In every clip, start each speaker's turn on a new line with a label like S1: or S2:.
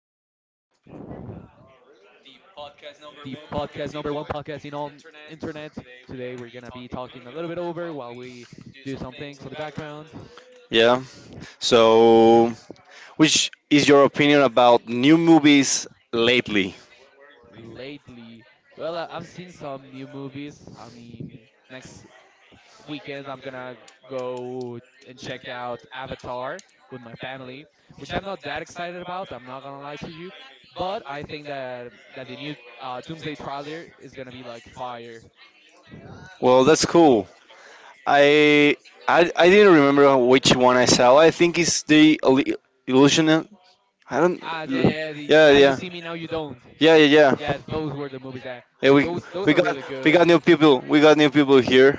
S1: of
S2: the podcast number one podcast in all internet. Today we're gonna be talking a little bit over while we do some things on the background.
S1: yeah. So, which is your opinion about new movies lately?
S2: Lately, well, I've seen some new movies. I mean, next weekend I'm gonna go and check out Avatar with my family, which I'm not that excited about. I'm not gonna lie to you, but I think that the new Doomsday trailer is gonna be like fire.
S1: Well, that's cool. I I didn't remember which one I saw. I think it's the illusion. I don't.
S2: Ah, yeah,
S1: Yeah,
S2: yeah, yeah. The,
S1: yeah,
S2: now you
S1: yeah,
S2: see me, now you don't.
S1: yeah, yeah.
S2: Yeah, those were the movies that
S1: Yeah,
S2: th- those those
S1: we
S2: are
S1: got
S2: really
S1: we
S2: good.
S1: got new people. We got new people here.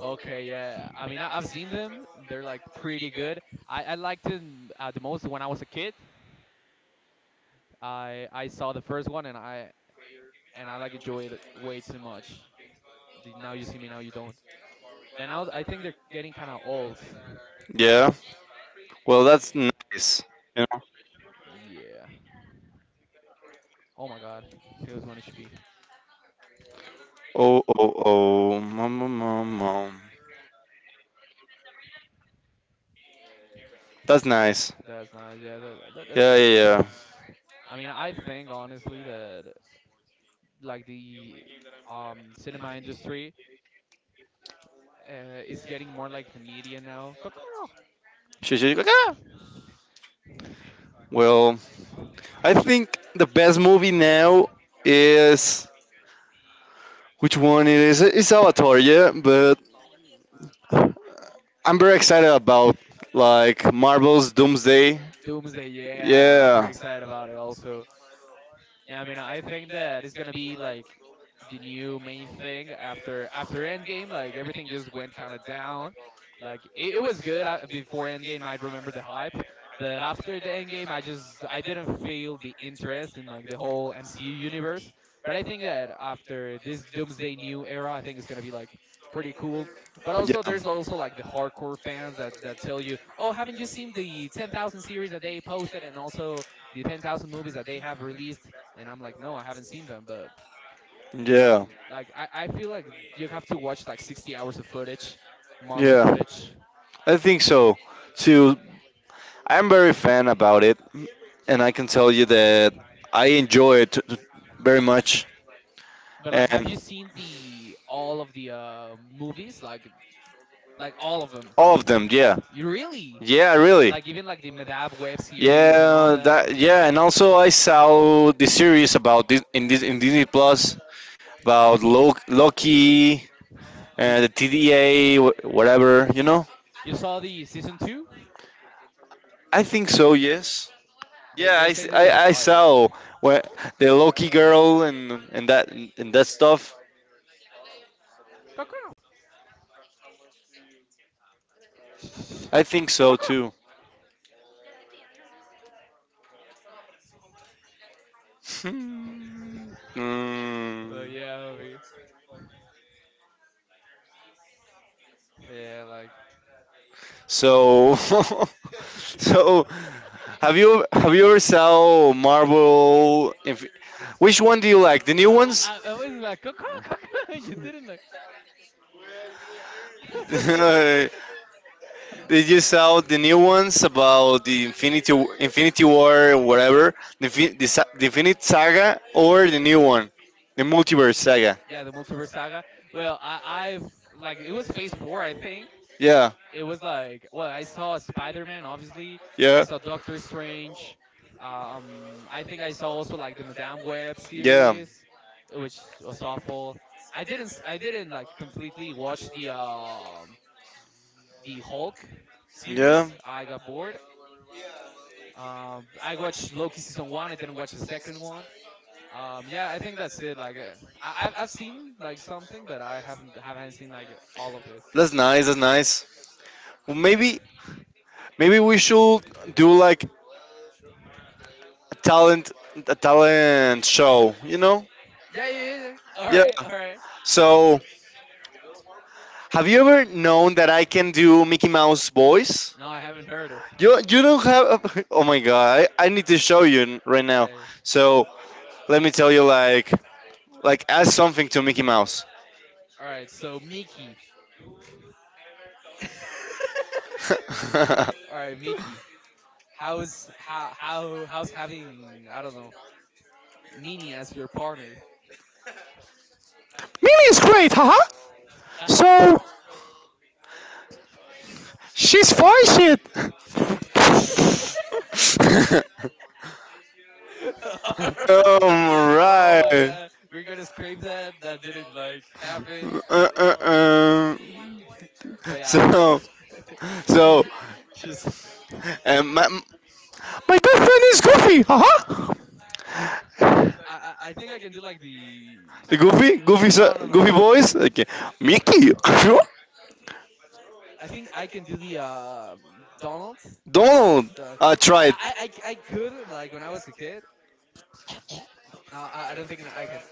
S2: Okay, yeah. I mean, I've seen them. They're like pretty good. I liked them the most when I was a kid. I saw the first one and I like enjoyed it way too much. The Now You See Me, Now You Don't. But now I think they're getting kind of old.
S1: Yeah. Well, that's nice. You know.
S2: Yeah. Oh my God. He was 1 HP.
S1: Oh oh oh. Mom, mom, mom, mom. That's nice.
S2: That's nice. Yeah, that's
S1: Yeah,
S2: pretty
S1: yeah,
S2: good.
S1: yeah.
S2: I mean, I think honestly that like the cinema industry is getting more like the media now. Coco!
S1: She's like, ah. Well, I think the best movie now is which one it is? It's Avatar, yeah. But I'm very excited about like Marvel's Doomsday.
S2: Doomsday, yeah, I'm
S1: Yeah.
S2: pretty excited about it also. Yeah, I mean, I think that it's gonna be like the new main thing after Endgame. Like everything just went kind of down. Like it was good before Endgame. I remember the hype, but after the Endgame, I just I didn't feel the interest in like the whole MCU universe. But I think that after this Doomsday New era, I think it's gonna be like pretty cool. But also, there's also like the hardcore fans that tell you, oh, haven't you seen the 10,000 series that they posted and also the 10,000 movies that they have released. And I'm like, no, I haven't seen them, but
S1: Yeah.
S2: you know,
S1: Yeah.
S2: like I feel like you have to watch like 60 hours of footage, marvel
S1: Yeah.
S2: footage.
S1: I think so too. I'm very fan about it, and I can tell you that I enjoy it very much.
S2: But like, have
S1: And
S2: you seen the all of the movies, like all of them,
S1: all of them, yeah,
S2: you really
S1: yeah, really.
S2: like, even like the madab web series and all
S1: Yeah,
S2: that.
S1: that yeah, and also I saw the series about this in Disney Plus about Loki,
S2: you
S1: the TDA, whatever you know.
S2: you saw the season two.
S1: I think so, yes.
S2: they
S1: Yeah,
S2: they say there was
S1: I
S2: fire.
S1: saw where the Loki girl and that stuff.
S2: Caca.
S1: I think so
S2: Caca.
S1: too.
S2: Uh,
S1: Hmm. Mm.
S2: yeah, I yeah, like
S1: So so have you ever saw Marvel? Which one do you
S2: like? I,
S1: like? The new ones?
S2: I, I was like, Coco, Coco, you didn't like.
S1: Did you
S2: Uh,
S1: saw the new ones about the Infinity War or whatever? The Infinite Saga or the new one, the Multiverse Saga?
S2: yeah, the multiverse saga. Well, I've like it was Phase Four, I think.
S1: Yeah.
S2: It was like, well, I saw Spider-Man obviously, I
S1: Yeah.
S2: saw Doctor Strange, I think I saw also like the Madame Web
S1: Yeah.
S2: series, which was awful. I didn't like completely watch the Hulk
S1: Yeah.
S2: series, I got bored. I watched Loki season one, I didn't watch the second one. Yeah, I think that's it, like I've seen like something, but I haven't seen like all of it.
S1: That's nice. That's nice. Well, maybe we should do like a talent a talent show. You know?
S2: Yeah, yeah, yeah, yeah. All
S1: Yeah.
S2: right, all right.
S1: So, have you ever known that I can do Mickey Mouse voice?
S2: No, I haven't heard it.
S1: You don't have? Oh my god! I need to show you right now.
S2: uh,
S1: So let me tell you like ask something to Mickey Mouse.
S2: All right, so Mickey. All right, Mickey. How's how how's having, I don't know, Minnie as your partner?
S1: Mimi is great, haha. So she's voice it. All
S2: Oh my
S1: right.
S2: god, we're gonna scrape that. That didn't like
S1: Uh
S2: happen.
S1: Uh, uh, um.
S2: But yeah,
S1: So, so,
S2: just
S1: and my best friend is Goofy, haha.
S2: I think I can do like the,
S1: The
S2: no, no, no.
S1: Goofy boys. Okay, Mickey.
S2: I think I can do the Donald.
S1: Don't.
S2: The
S1: I tried.
S2: I could, like when I was a kid. No, I don't think I can.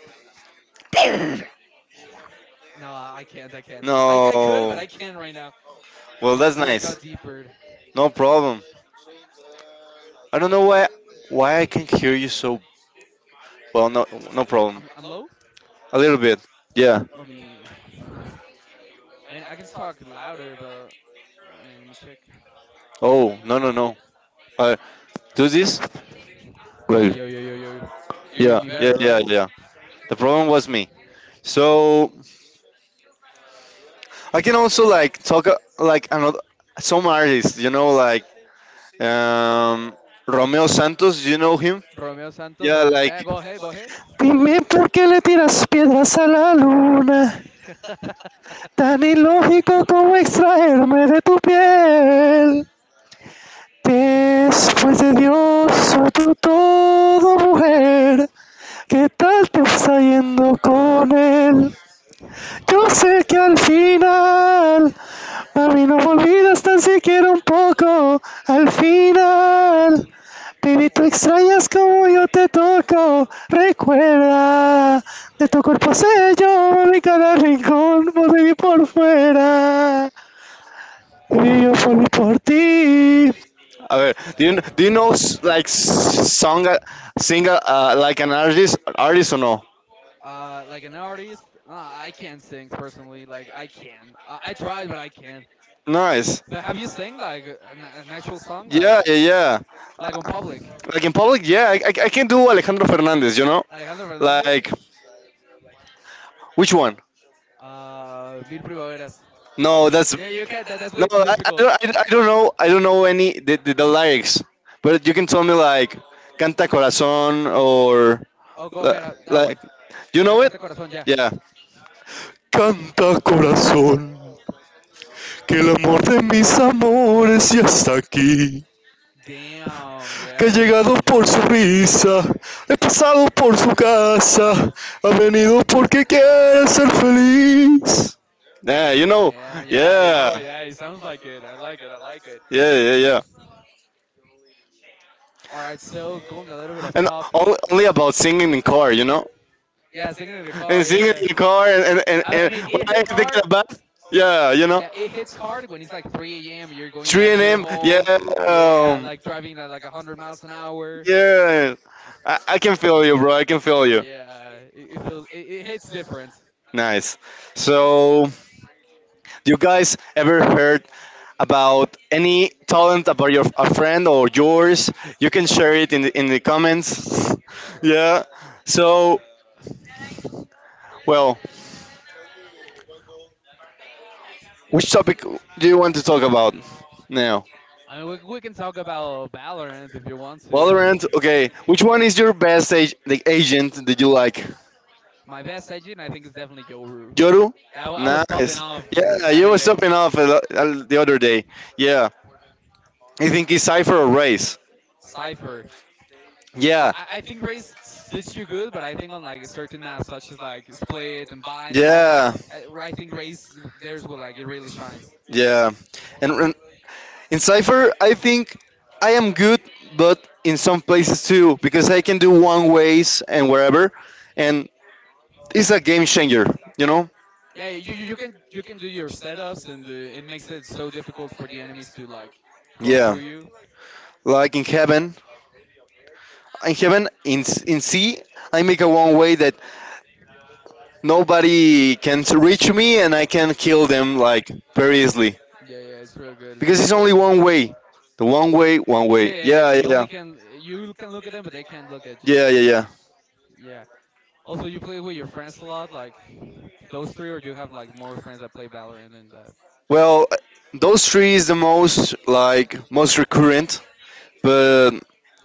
S2: No, I can't. I can't. I could,
S1: No.
S2: but I can't right now.
S1: Well,
S2: My
S1: that's
S2: voice
S1: nice.
S2: got deeper.
S1: No problem. I don't know why I can hear you so well. No, no problem.
S2: I'm low.
S1: A little bit. Yeah.
S2: Let me. I mean, I can talk louder, but I mean, let me check.
S1: Oh no no no. Uh, do this. Well,
S2: Yo, yo, yo, yo. You hear
S1: yeah
S2: me
S1: yeah
S2: better,
S1: yeah
S2: right?
S1: yeah. The problem was me. So I can also like talk like another some artists. You know like um, Romeo Santos. You know him?
S2: Romeo Santos.
S1: Yeah, like
S2: Yeah, go ahead. Go ahead.
S1: Dime por qué le tiras piedras a la luna, tan ilógico como extraerme de tu piel. Después de Dios, soy tu todo mujer, ¿qué tal te está yendo con él? Yo sé que
S2: Alright.
S1: al final, mami, no me olvidas tan siquiera un poco. Al final, baby, tú extrañas como yo te toco. Recuerda, de tu cuerpo sé yo, mami, cada rincón, por dentro por fuera. Y yo por mí, por ti. A ver, do you know like s- song like an artist or no?
S2: Like an artist, nah, I can't sing personally. Like I can. I tried, but I can't.
S1: Nice.
S2: But have you sang like an actual song,
S1: Yeah, yeah, yeah.
S2: like on public?
S1: Like in public, yeah, I can do Alejandro Fernandez, you know?
S2: Alejandro Fernandez.
S1: Like, which one?
S2: Mil Primaveras.
S1: No, that's.
S2: Yeah, you can't. That's
S1: No,
S2: way too difficult.
S1: I don't know any the lyrics, but you can tell me like Canta Corazón or
S2: Oh, go
S1: li-
S2: ahead. That
S1: like
S2: one.
S1: you
S2: Yeah,
S1: know it?
S2: Canta Corazón. Yeah.
S1: Yeah. Canta Corazón, que el amor de mis amores ya está aquí.
S2: Damn.
S1: Que he
S2: Yeah, it
S1: llegado
S2: sounds like
S1: por su
S2: it.
S1: risa, he pasado por su casa, ha venido porque quiere ser feliz. Yeah, you know,
S2: Damn. Yeah, you
S1: yeah,
S2: know it. Yeah, it sounds like it. I like it. I like it.
S1: yeah, yeah, yeah.
S2: All right. So going a little bit off
S1: And
S2: topic.
S1: only, only about singing in car, you know.
S2: Yeah, singing in the
S1: And
S2: car.
S1: singing
S2: Yeah.
S1: in the car and, and, and,
S2: I
S1: and
S2: mean,
S1: when
S2: it
S1: I
S2: hit
S1: had to hard. Get
S2: hard.
S1: a bus, yeah, you know,
S2: Yeah, it hits hard when it's like 3 a.m. You're going
S1: 3
S2: back to your
S1: a.m. Yeah,
S2: home.
S1: Yeah,
S2: Yeah, like driving at like 100 miles an hour.
S1: yeah, I can feel you, bro. I can feel you.
S2: Yeah, it feels it, it hits different.
S1: Nice. So, do you guys ever heard about any talent about your a friend or yours? You can share it in the comments. yeah. So, well, which topic do you want to talk about now?
S2: I mean, we can talk about Valorant if you want to.
S1: Valorant. Okay. Which one is your best the agent that you like?
S2: My best agent, I think, is definitely Yoru.
S1: Yoru.
S2: Yeah, I was popping
S1: Nice.
S2: off on
S1: Yeah, you was
S2: Saturday.
S1: stopping off a the other day. Yeah. You think it's Cypher or Race?
S2: Cipher. Yeah,
S1: Yeah.
S2: I think Raze suits you good, but I think on like certain maps such as like Split and Bind and all that,
S1: Yeah,
S2: I think Raze there's where like it really shines.
S1: yeah. And in Cypher, I think I am good, but in some places too, because I can do one ways and wherever. And it's a game changer, you know?
S2: Yeah, you can you can do your setups and it makes it so difficult for the enemies to like go
S1: Yeah.
S2: through you.
S1: Like in heaven, in in sea, I make a one way that nobody can reach me and I can kill them like very easily
S2: Yeah, yeah, it's real good. It's
S1: because
S2: real
S1: it's only
S2: good.
S1: one way. The one way, one way.
S2: Say,
S1: Yeah, yeah,
S2: you
S1: yeah.
S2: only can you can look at them, but they can't look at you.
S1: Yeah, yeah, yeah.
S2: Yeah. Also, you play with your friends a lot, like those three, or you have like more friends that play Valorant than that.
S1: Well, those three is the most like most recurrent, but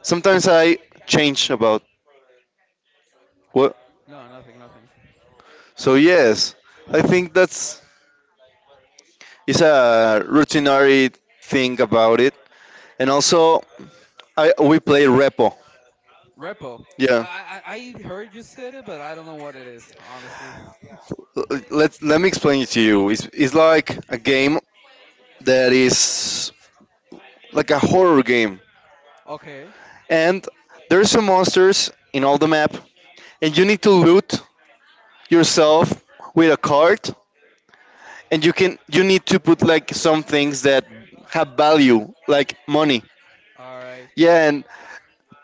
S1: sometimes I change about what.
S2: No, nothing, nothing.
S1: So yes, I think that's it's a routinary thing about it. And also, we play repo.
S2: Repo.
S1: Yeah.
S2: I heard you said it, but I don't know what it is, honestly.
S1: L- Let me explain it to you. It's like a game that is like a horror game,
S2: Okay.
S1: and there's some monsters in all the map, and you need to loot yourself with a cart, and you need to put like some things that have value, like money.
S2: All right.
S1: Yeah, and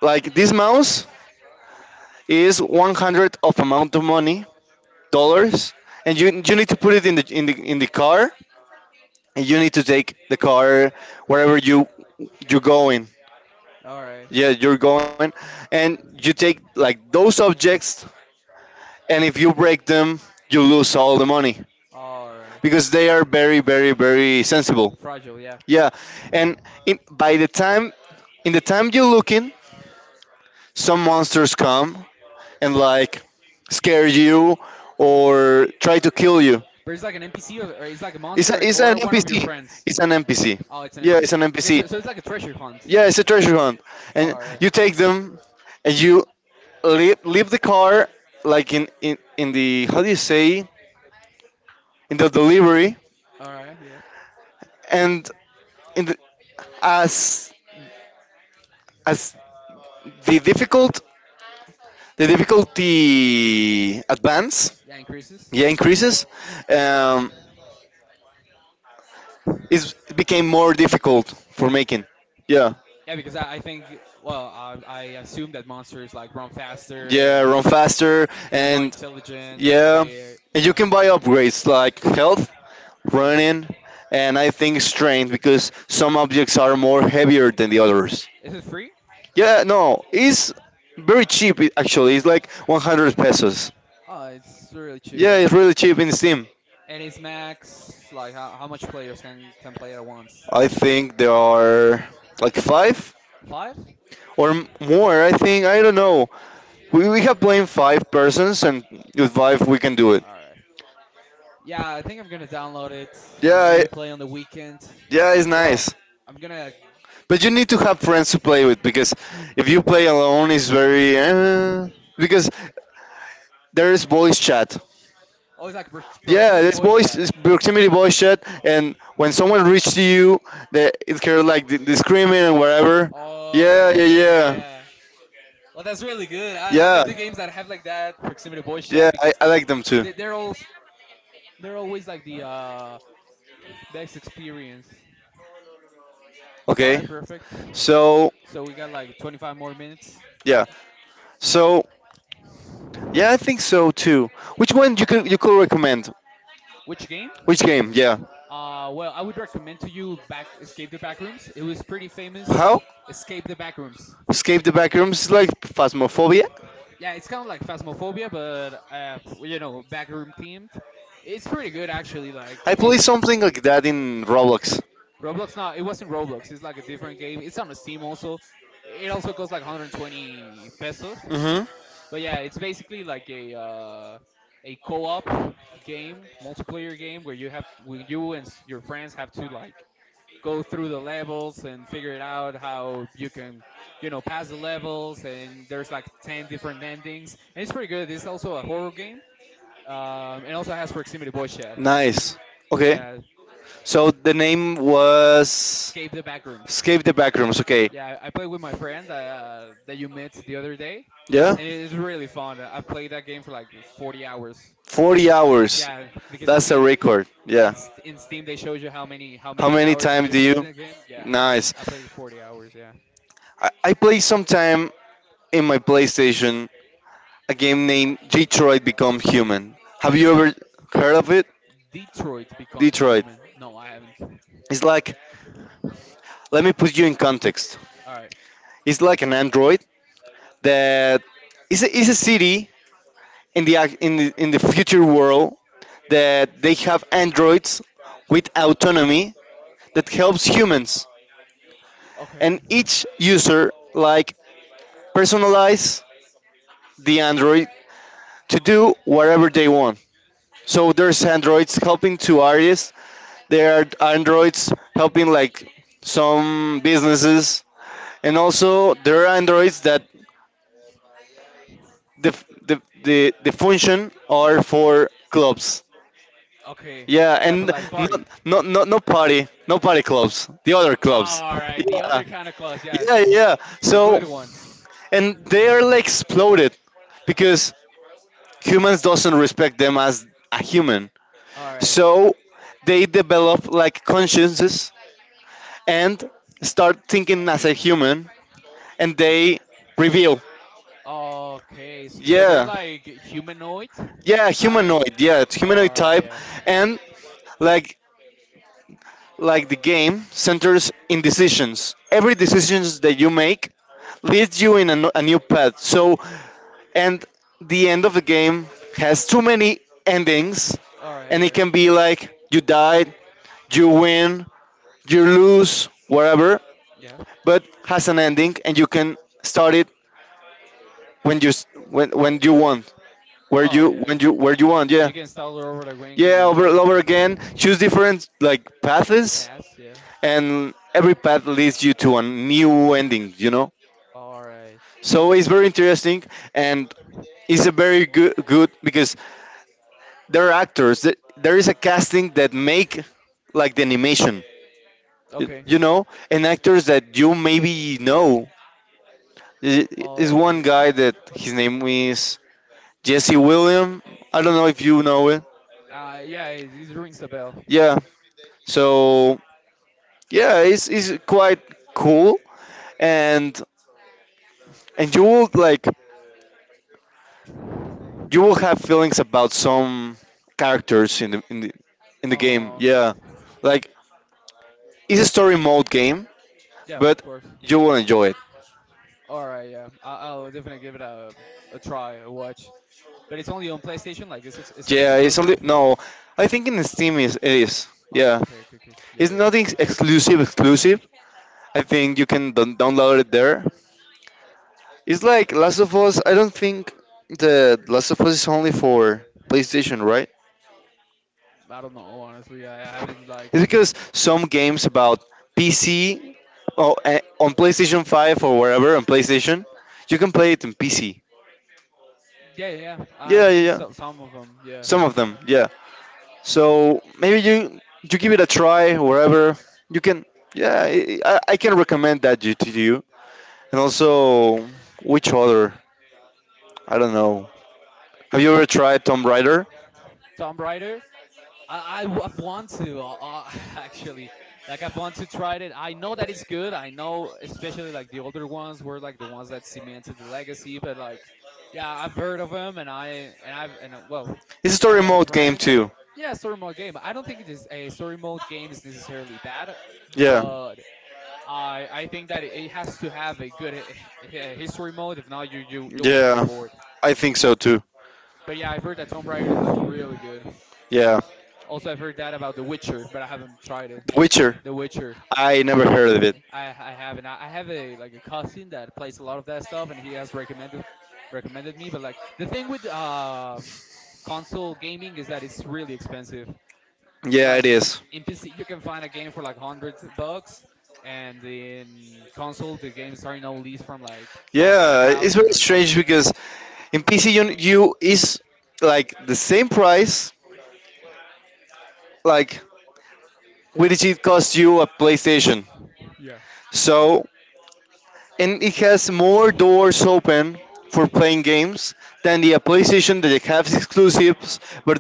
S1: like this mouse is 100 of amount of money
S2: Yeah.
S1: dollars, and you need to put it in the in the in the car, and you need to take the car wherever you're going,
S2: All right.
S1: yeah, you're going, and you take like those objects, and if you break them, you lose all the money
S2: All right.
S1: because they are very very sensible.
S2: Fragile, yeah.
S1: Yeah, and by the time you're looking, some monsters come and like scare you or try to kill you.
S2: But it's like an NPC, or it's like a
S1: It's, a,
S2: monster,
S1: it's an
S2: or one of your
S1: NPC.
S2: friends.
S1: It's an NPC.
S2: Oh, it's an
S1: Yeah, it's
S2: NPC.
S1: an
S2: Okay,
S1: NPC.
S2: so, so it's like a treasure hunt.
S1: Yeah, it's a treasure hunt. And
S2: Alright,
S1: you take them and you leave the car like in the, how do you say, in the delivery.
S2: alright, yeah.
S1: And in the, as as the difficult the difficulty advance,
S2: Yeah, increases.
S1: yeah, increases. Um, it's- it became more difficult for making. Yeah.
S2: Yeah, because I think, well, I assume that monsters like run faster
S1: Yeah, run
S2: and
S1: faster
S2: they're more
S1: and
S2: intelligent.
S1: yeah,
S2: They,
S1: and you
S2: yeah,
S1: can buy upgrades like health,
S2: yeah.
S1: running, and I think strength because some objects are more heavier than the others.
S2: Is it free?
S1: Yeah, no, it's very actually. It's like 100 pesos.
S2: Oh, it's really cheap,
S1: Yeah,
S2: yeah.
S1: it's really cheap in Steam.
S2: And it's max, like how much players can play at once?
S1: I think there are like five
S2: Five?
S1: or more. I think I don't know. We have played five persons, and with five we can do it.
S2: Alright. Yeah, I think I'm gonna download it and
S1: Yeah,
S2: maybe play on the weekend.
S1: yeah, it's
S2: Well,
S1: nice.
S2: I'm gonna
S1: But you need to have friends to play with because if you play alone, it's very because there is voice chat.
S2: Oh, it's like
S1: Yeah,
S2: proximity boy chat.
S1: it's proximity voice chat, and when someone reaches to you, they, it's kind of like the screaming and whatever. Yeah,
S2: Oh
S1: yeah, yeah,
S2: yeah. Well, that's really good. I like
S1: yeah.
S2: the games that have like that proximity boy
S1: Yeah,
S2: chat because
S1: I like them too.
S2: they, they're all they're always like the best experience. All right,
S1: Okay,
S2: perfect.
S1: so
S2: So we got like 25 more minutes.
S1: yeah, so yeah, I think so too. Which one you could recommend?
S2: Which game?
S1: Which game? Yeah.
S2: Well, I would recommend to you back Escape the Backrooms. It was pretty famous.
S1: How?
S2: Escape the Backrooms.
S1: Escape the Backrooms is like Phasmophobia.
S2: Yeah, it's kind of like Phasmophobia, but you know, backroom themed. It's pretty good actually. Like
S1: I play
S2: it.
S1: something like that in Roblox.
S2: Roblox, no, it wasn't Roblox. It's like a different game. It's on Steam also. It also costs like 120 pesos.
S1: Mm-hmm.
S2: But yeah, it's basically like a co-op game, multiplayer game where you have to, when you and your friends have to like go through the levels and figure it out how you can, you know, pass the levels, and there's like 10 different endings, and it's pretty good. It's also a horror game and also has proximity voice chat.
S1: Nice. Okay.
S2: Yeah,
S1: So the name was
S2: escape the back rooms.
S1: Escape the Backrooms. Okay.
S2: Yeah, I played with my friend that you met the other day,
S1: Yeah.
S2: and it is really fun. I've played that game for like 40 hours.
S1: 40 hours.
S2: Yeah, because you
S1: That's
S2: see
S1: a
S2: in
S1: record. Yeah.
S2: in Steam they shows you how
S1: How
S2: many
S1: many
S2: hours have
S1: times
S2: you
S1: do
S2: played
S1: you?
S2: the game. Yeah,
S1: Nice.
S2: I played 40 hours. Yeah,
S1: I play sometime in my PlayStation a game named Detroit Become Human. Have you ever heard of it?
S2: Detroit Become
S1: Detroit.
S2: Human. No, I haven't. All
S1: It's like, let me put you in context.
S2: right.
S1: It's like an android that is is a city in the ac- in the future world that they have androids with autonomy that helps humans,
S2: Okay.
S1: and each user like personalize the android to do whatever they want. So there's androids helping to artists, there are androids helping like some businesses, and also there are androids that the the the function are for clubs.
S2: Okay.
S1: Yeah,
S2: Yeah, for
S1: and
S2: like party.
S1: not not not no party, no party clubs, the other clubs.
S2: All right, the
S1: Yeah,
S2: other kind of claws. Yeah,
S1: yeah, yeah.
S2: the good
S1: So
S2: ones.
S1: and they are like exploded because humans doesn't respect them as a human.
S2: All right.
S1: So they develop like consciences and start thinking as a human, and they reveal.
S2: Okay, so they're
S1: Yeah,
S2: like humanoid,
S1: yeah,
S2: kind of.
S1: humanoid. Yeah, it's
S2: All
S1: humanoid
S2: right,
S1: type,
S2: yeah.
S1: and like like the game centers in decisions. Every decisions that you make leads you in n- a new path. So, and the end of the game has too many endings,
S2: All right,
S1: and it
S2: yeah.
S1: can be like you died, you win, you lose, whatever.
S2: Yeah.
S1: But has an ending, and you can start it when you when you want, where you
S2: Oh yeah.
S1: when you where you want. Yeah,
S2: You can stall it over the wing when
S1: yeah,
S2: you
S1: over
S2: want.
S1: over
S2: Yeah.
S1: again. Choose different like paths,
S2: Pass. Yeah.
S1: and every path leads you to a new ending, you know,
S2: All right.
S1: so it's very interesting and it's a very good because there are there is a casting that make like the animation,
S2: Okay.
S1: you know, and actors that you maybe know I- is one
S2: Okay.
S1: guy that his name is Jesse William. I don't know if you know it.
S2: Yeah, it, it rings a bell.
S1: Yeah, so yeah, it's quite cool, and and you will like you will have feelings about some characters in the in the in the game.
S2: Oh,
S1: Yeah,
S2: okay.
S1: like it's a story mode game,
S2: Yeah, of
S1: but
S2: course.
S1: you will enjoy it.
S2: All right, yeah. I'll definitely give it a try, a watch. But it's only on PlayStation. Like, is is it
S1: Yeah, it's only
S2: exclusive?
S1: no. I think in Steam is it is.
S2: Oh,
S1: Yeah,
S2: okay, okay, okay. Yeah,
S1: it's
S2: yeah.
S1: nothing exclusive. Exclusive. I think you can download it there. It's like Last of Us. I don't think the Last of Us is only for PlayStation, right?
S2: I don't know, honestly. I haven't
S1: It's
S2: like.
S1: because some games about PC or on PlayStation 5 or wherever on PlayStation, you can play it in PC.
S2: Yeah, yeah, yeah. I
S1: Yeah, yeah,
S2: think
S1: yeah.
S2: so. Some of them. Yeah.
S1: Some of them, yeah. So maybe you give it a try wherever you can. Yeah, I can recommend that you, to you. And also,
S2: Nice.
S1: which other? I don't know. Have you ever tried Tomb Raider?
S2: Tomb Raider. Want to uh, actually like I want to try it. I know that it's good. I know especially like the older ones were like the ones that cemented the legacy. But like, yeah, I've heard of them, and I and I've and well,
S1: It's a
S2: I
S1: story
S2: had a
S1: mode game
S2: friend.
S1: too.
S2: Yeah, story mode game. I don't think it is a story mode game is necessarily bad,
S1: Yeah.
S2: but I think that it has to have a good history mode. If not, you'll just get
S1: Yeah,
S2: bored.
S1: I think so too.
S2: But yeah, I've heard that Tomb Raider is like really good.
S1: Yeah.
S2: Also, I've heard that about The Witcher, but I haven't tried it.
S1: The Witcher.
S2: The Witcher,
S1: I never heard of it.
S2: I haven't. I have a like a cousin that plays a lot of that stuff, and he has recommended me. But like the thing with console gaming is that it's really expensive.
S1: Yeah, it
S2: Like
S1: is.
S2: in PC you can find a game for like 100 bucks, and in console the games are no least from like a
S1: Yeah, it's
S2: thousand
S1: very
S2: or some.
S1: strange because in PC you is like the same price like what did it cost you a PlayStation.
S2: Yeah.
S1: So and it has more doors open for playing games than the PlayStation that it has exclusives, but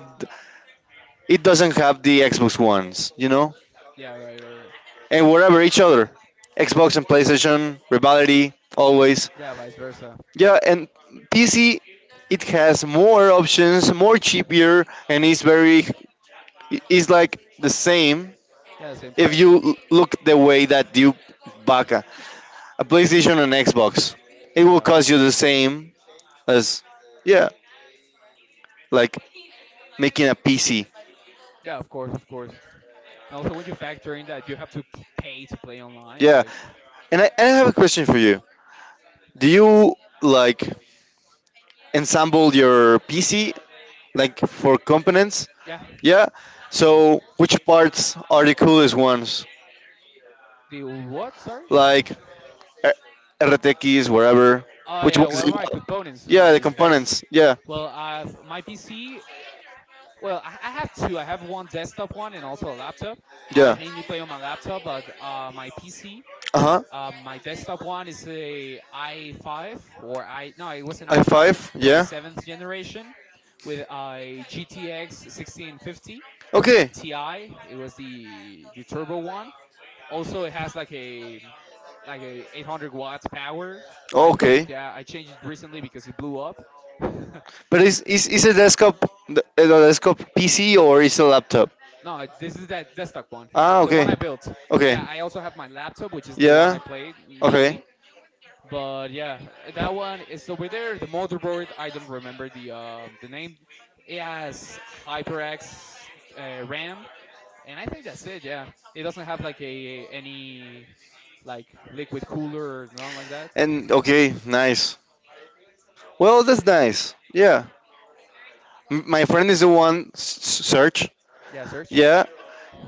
S1: it doesn't have the Xbox ones, you know?
S2: Yeah, right, right, right.
S1: And whatever each other. Xbox and PlayStation, rivalry, always.
S2: Yeah, vice versa.
S1: Yeah, and PC it has more options, more cheaper and it's very it's like the same
S2: Yeah, the same
S1: if
S2: price.
S1: you look the way that you back a PlayStation and Xbox. It will
S2: Yeah,
S1: cost you the same as yeah like making a PC.
S2: yeah, of course, of course. And also when you factor in that you have to pay to play online,
S1: Yeah,
S2: like.
S1: and I have a question for you. Do you like ensemble your PC like for components?
S2: Yeah,
S1: Yeah. So which parts are the coolest ones?
S2: the what, sorry?
S1: Like R- RTX, whatever.
S2: Oh
S1: Which
S2: yeah,
S1: ones?
S2: what
S1: Do
S2: are
S1: you
S2: my
S1: like?
S2: components,
S1: Yeah, the
S2: my specs.
S1: components. Yeah.
S2: Well, my PC. Well, I have two. I have one desktop one and also a laptop. I
S1: Yeah.
S2: mainly play on my laptop, but my PC,
S1: Uh huh.
S2: my desktop one is a i5 or I no, it was an
S1: I
S2: i5
S1: five.
S2: from the
S1: Yeah.
S2: seventh generation with a GTX 1650
S1: Okay.
S2: Ti. It was the turbo one. Also, it has like a 800 watts power, I think.
S1: Okay.
S2: Yeah, I changed it recently because it blew up.
S1: But is a desktop a desktop PC or is a laptop?
S2: No, this is that desktop one,
S1: Ah,
S2: the
S1: okay.
S2: one I built.
S1: Okay.
S2: Yeah, I also have my laptop, which is the one I
S1: Yeah.
S2: played
S1: Okay.
S2: mainly. But yeah, that one is over there. The motherboard, I don't remember the name. It has HyperX RAM, and I think that's it. Yeah, it doesn't have like a any like liquid cooler or nothing like that.
S1: And okay, nice. Well, that's nice. Yeah. My friend is the one Serge.
S2: Yeah, search.
S1: Yeah,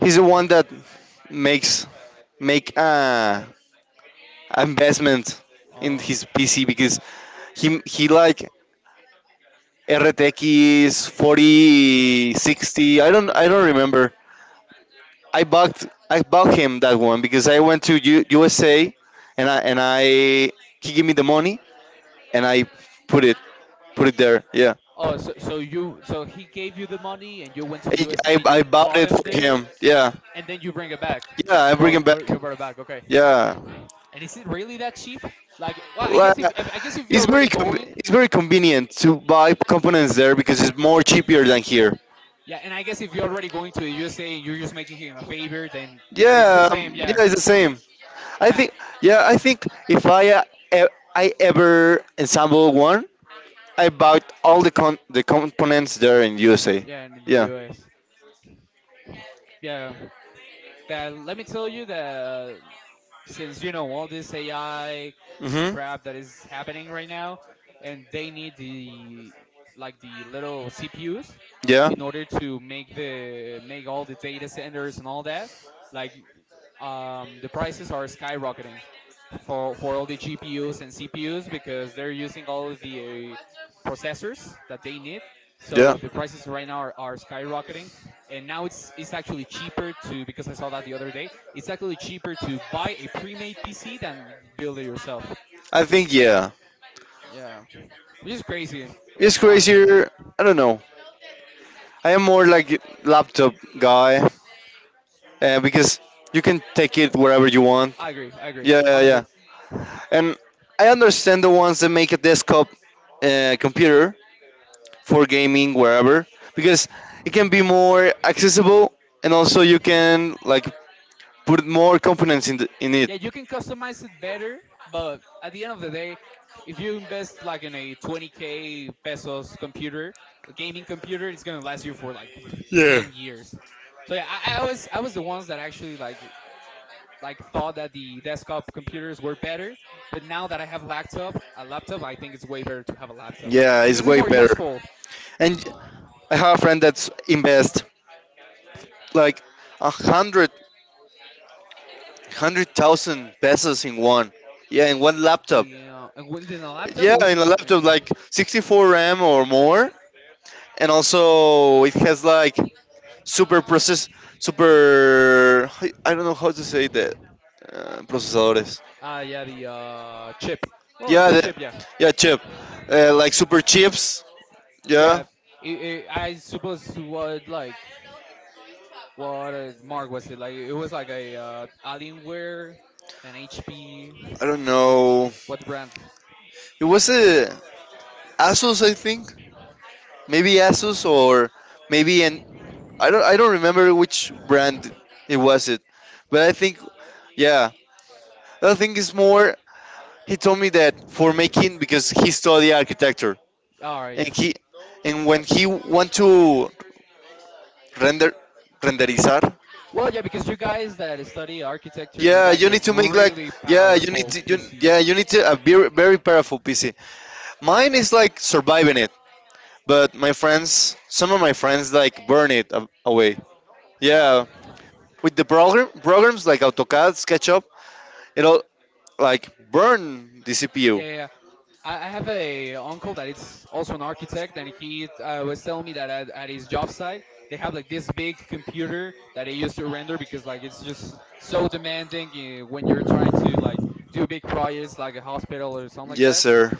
S1: he's the one that makes make a investment in
S2: Oh,
S1: his PC because he like RTX 4060. I don't
S2: yeah,
S1: I
S2: yeah.
S1: don't remember. I bought I bought him that one because I went to USA and I he gave me the money and I put it put it there. Yeah,
S2: Oh, so he gave you the money and you went to
S1: I
S2: USA
S1: I,
S2: and
S1: I
S2: you
S1: bought
S2: bought
S1: it for
S2: him there,
S1: him. Yeah,
S2: and then you bring it back.
S1: yeah,
S2: You
S1: I
S2: brought
S1: bring him
S2: it,
S1: back.
S2: you brought it back. Okay.
S1: Yeah,
S2: And is it really that cheap? Like, well, I
S1: well,
S2: guess if, if you're
S1: it's very
S2: already going.
S1: it's very convenient to buy components there because it's more cheaper than here.
S2: Yeah, and I guess if you're already going to the USA and you're just making him a favor, then it's the
S1: Yeah,
S2: same.
S1: yeah,
S2: Yeah,
S1: it's the same. I
S2: yeah,
S1: think yeah, I think if I I ever ensemble one, I bought all the the components there in USA.
S2: yeah. And in the
S1: Yeah.
S2: US, yeah. That, let me tell you that since you know all this AI crap that is happening right now, and they need the like the little CPUs
S1: Yeah.
S2: in order to make the make all the data centers and all that. Like, the prices are skyrocketing for all the GPUs and CPUs because they're using all of the processors that they need. So the prices right now are skyrocketing, and now it's actually cheaper to, because I saw that the other day, it's actually cheaper to buy a pre-made PC than build it yourself.
S1: I think yeah.
S2: Yeah, which is crazy,
S1: It's
S2: honestly.
S1: crazier. I don't know. I am more like laptop guy because you can take it wherever you want.
S2: I agree. I agree.
S1: Yeah, yeah, yeah.
S2: Honestly,
S1: And I understand the ones that make a desktop computer for gaming wherever because it can be more accessible and also you can like put more components in it.
S2: yeah, you can customize it better, but at the end of the day, if you invest like in a 20K pesos computer, a gaming computer, it's gonna last you for like
S1: Yeah.
S2: 10 years. So yeah, I was the ones that actually like thought that the desktop computers were better, but now that I have a laptop, I think it's way better to have a laptop
S1: Yeah, it's
S2: because
S1: It's
S2: it's
S1: way
S2: more
S1: more.
S2: useful.
S1: And I have a friend that's invest like a hundred hundred thousand pesos in one. Yeah, in one laptop.
S2: Damn. Well, then a laptop,
S1: Yeah,
S2: it
S1: in a
S2: wasn't.
S1: laptop like 64 RAM or more, and also it has like super process super I don't know how to say that procesadores
S2: Yeah, the chip. Well, it's
S1: yeah
S2: a chip, yeah.
S1: yeah chip like super chips
S2: Yeah,
S1: yeah
S2: I suppose what mark was it? Like, it was like a Alienware, an HP.
S1: I don't know
S2: What brand?
S1: it was a Asus I think maybe Asus or maybe an I don't remember which brand it was it but I think yeah I think it's more he told me that for making because he studied architecture
S2: Alright,
S1: and
S2: yeah,
S1: he and when
S2: gotcha.
S1: he went to render renderizar
S2: Well, yeah, because you guys that study architecture need,
S1: yeah
S2: like,
S1: you
S2: a
S1: need to make like
S2: really
S1: yeah you need
S2: powerful
S1: to
S2: PC.
S1: yeah you need to a very, very powerful pc mine is like surviving it but my friends some of my friends like burn it away yeah
S2: Wow.
S1: with the programs like autocad sketchup it all like burn the CPU.
S2: Yeah, yeah, I have a uncle that is also an architect, and he was telling me that at his job site they have like this big computer that they use to render because like it's just so demanding when you're trying to like do big projects like a hospital or something like
S1: Yes,
S2: that.
S1: sir.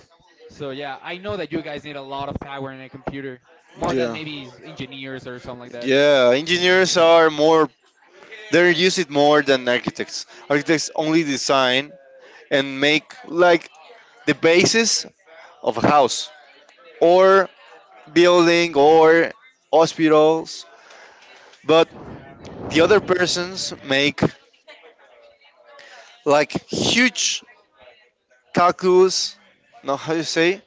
S2: So yeah, I know that you guys need a lot of power in a computer, more than
S1: Yeah.
S2: maybe engineers or something like that.
S1: Yeah, engineers are more they use it more than architects. Architects only design and make like the basis of a house or building or hospitals but the other persons make like huge calculus no how you say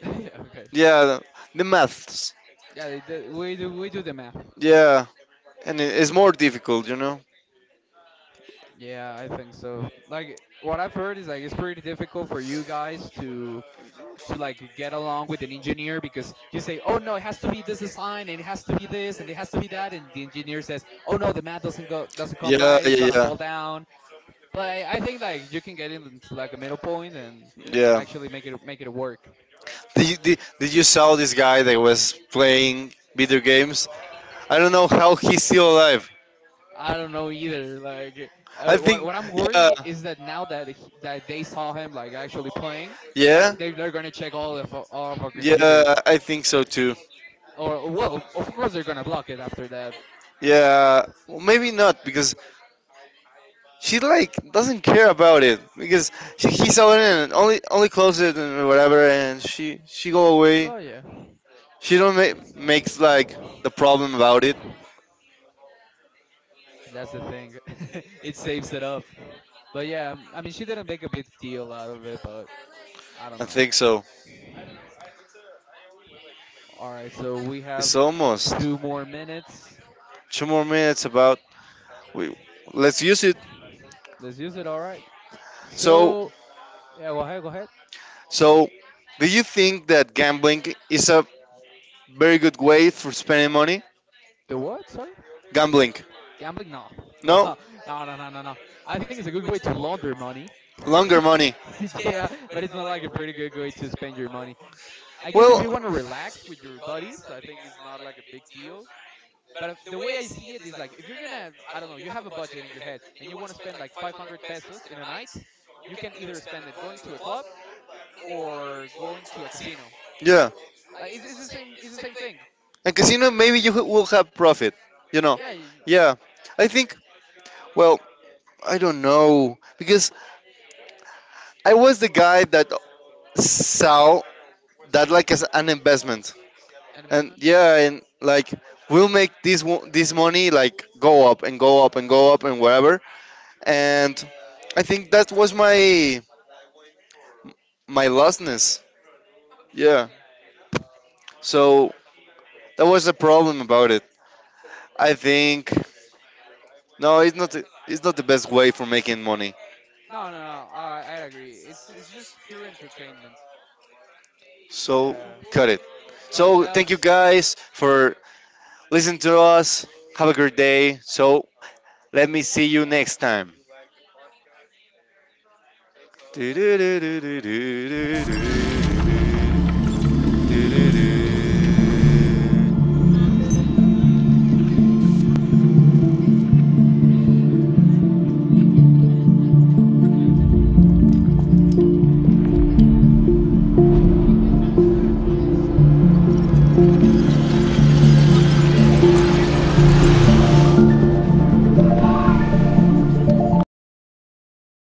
S2: Yeah, okay.
S1: yeah the maths
S2: Yeah, they do, we do the math.
S1: yeah and it's more difficult you know
S2: Yeah, I think so. Like, what I've heard is like it's pretty difficult for you guys to like get along with an engineer because you say, "Oh no, it has to be this design and it has to be this and it has to be that," and the engineer says, "Oh no, the math doesn't come
S1: yeah
S2: right. It's
S1: yeah
S2: gonna
S1: yeah
S2: fall down." But I think like you can get into like a middle point and
S1: yeah.
S2: actually make it work.
S1: Did you saw this guy that was playing video games? I don't know how he's still alive.
S2: I don't know either. Like,
S1: I think,
S2: what I'm
S1: yeah.
S2: worrying is that now that they saw him like actually playing,
S1: Yeah.
S2: that they're gonna check all of our
S1: Yeah,
S2: computers.
S1: I think so too.
S2: Or well, of course they're gonna block it after that.
S1: Yeah, well, maybe not because she like doesn't care about it because he saw it and only close it and whatever and she go away.
S2: Oh yeah.
S1: She don't makes like the problem about it.
S2: That's the thing. It saves it up. But yeah, I mean, she didn't make a big deal out of it, but I don't
S1: I
S2: know.
S1: think so.
S2: All right, so we have
S1: It's almost
S2: two more minutes.
S1: two more minutes. About we, let's use it.
S2: Let's use it. All right.
S1: So,
S2: So yeah, go ahead. Go ahead.
S1: so, do you think that gambling is a very good way for spending money?
S2: The what, sorry?
S1: Gambling?
S2: Gambling? No.
S1: No,
S2: No, no, no, no, no, no. I think it's a good way to launder money.
S1: longer money.
S2: Yeah, but it's not like a pretty good way to spend your money. I guess if you
S1: Well,
S2: want to relax with your buddies, I think it's not like a big deal. But the way I see it is like, if you're gonna, I don't know, you have a budget in your head and you want to spend like 500 pesos in a night, you can either spend it going to a club or going to a casino.
S1: yeah,
S2: Like, it's the same thing.
S1: and casino maybe you will have profit. You know,
S2: Yeah, you,
S1: yeah. I think. Well, I don't know because I was the guy that saw that like as an investment
S2: an
S1: and
S2: investment.
S1: yeah and like we'll make this money like go up and go up and go up and wherever and I think that was my lostness yeah
S2: Mm.
S1: so that was the problem about it I think no it's not the- it's not the best way for making money
S2: No, no, no. I agree. It's just pure entertainment.
S1: so
S2: Yeah,
S1: cut it
S2: cut it
S1: so thank
S2: out.
S1: you guys for listening to us have a great day so let me see you next time do do do do do do do do do do do do do.
S2: Okay, a los 30.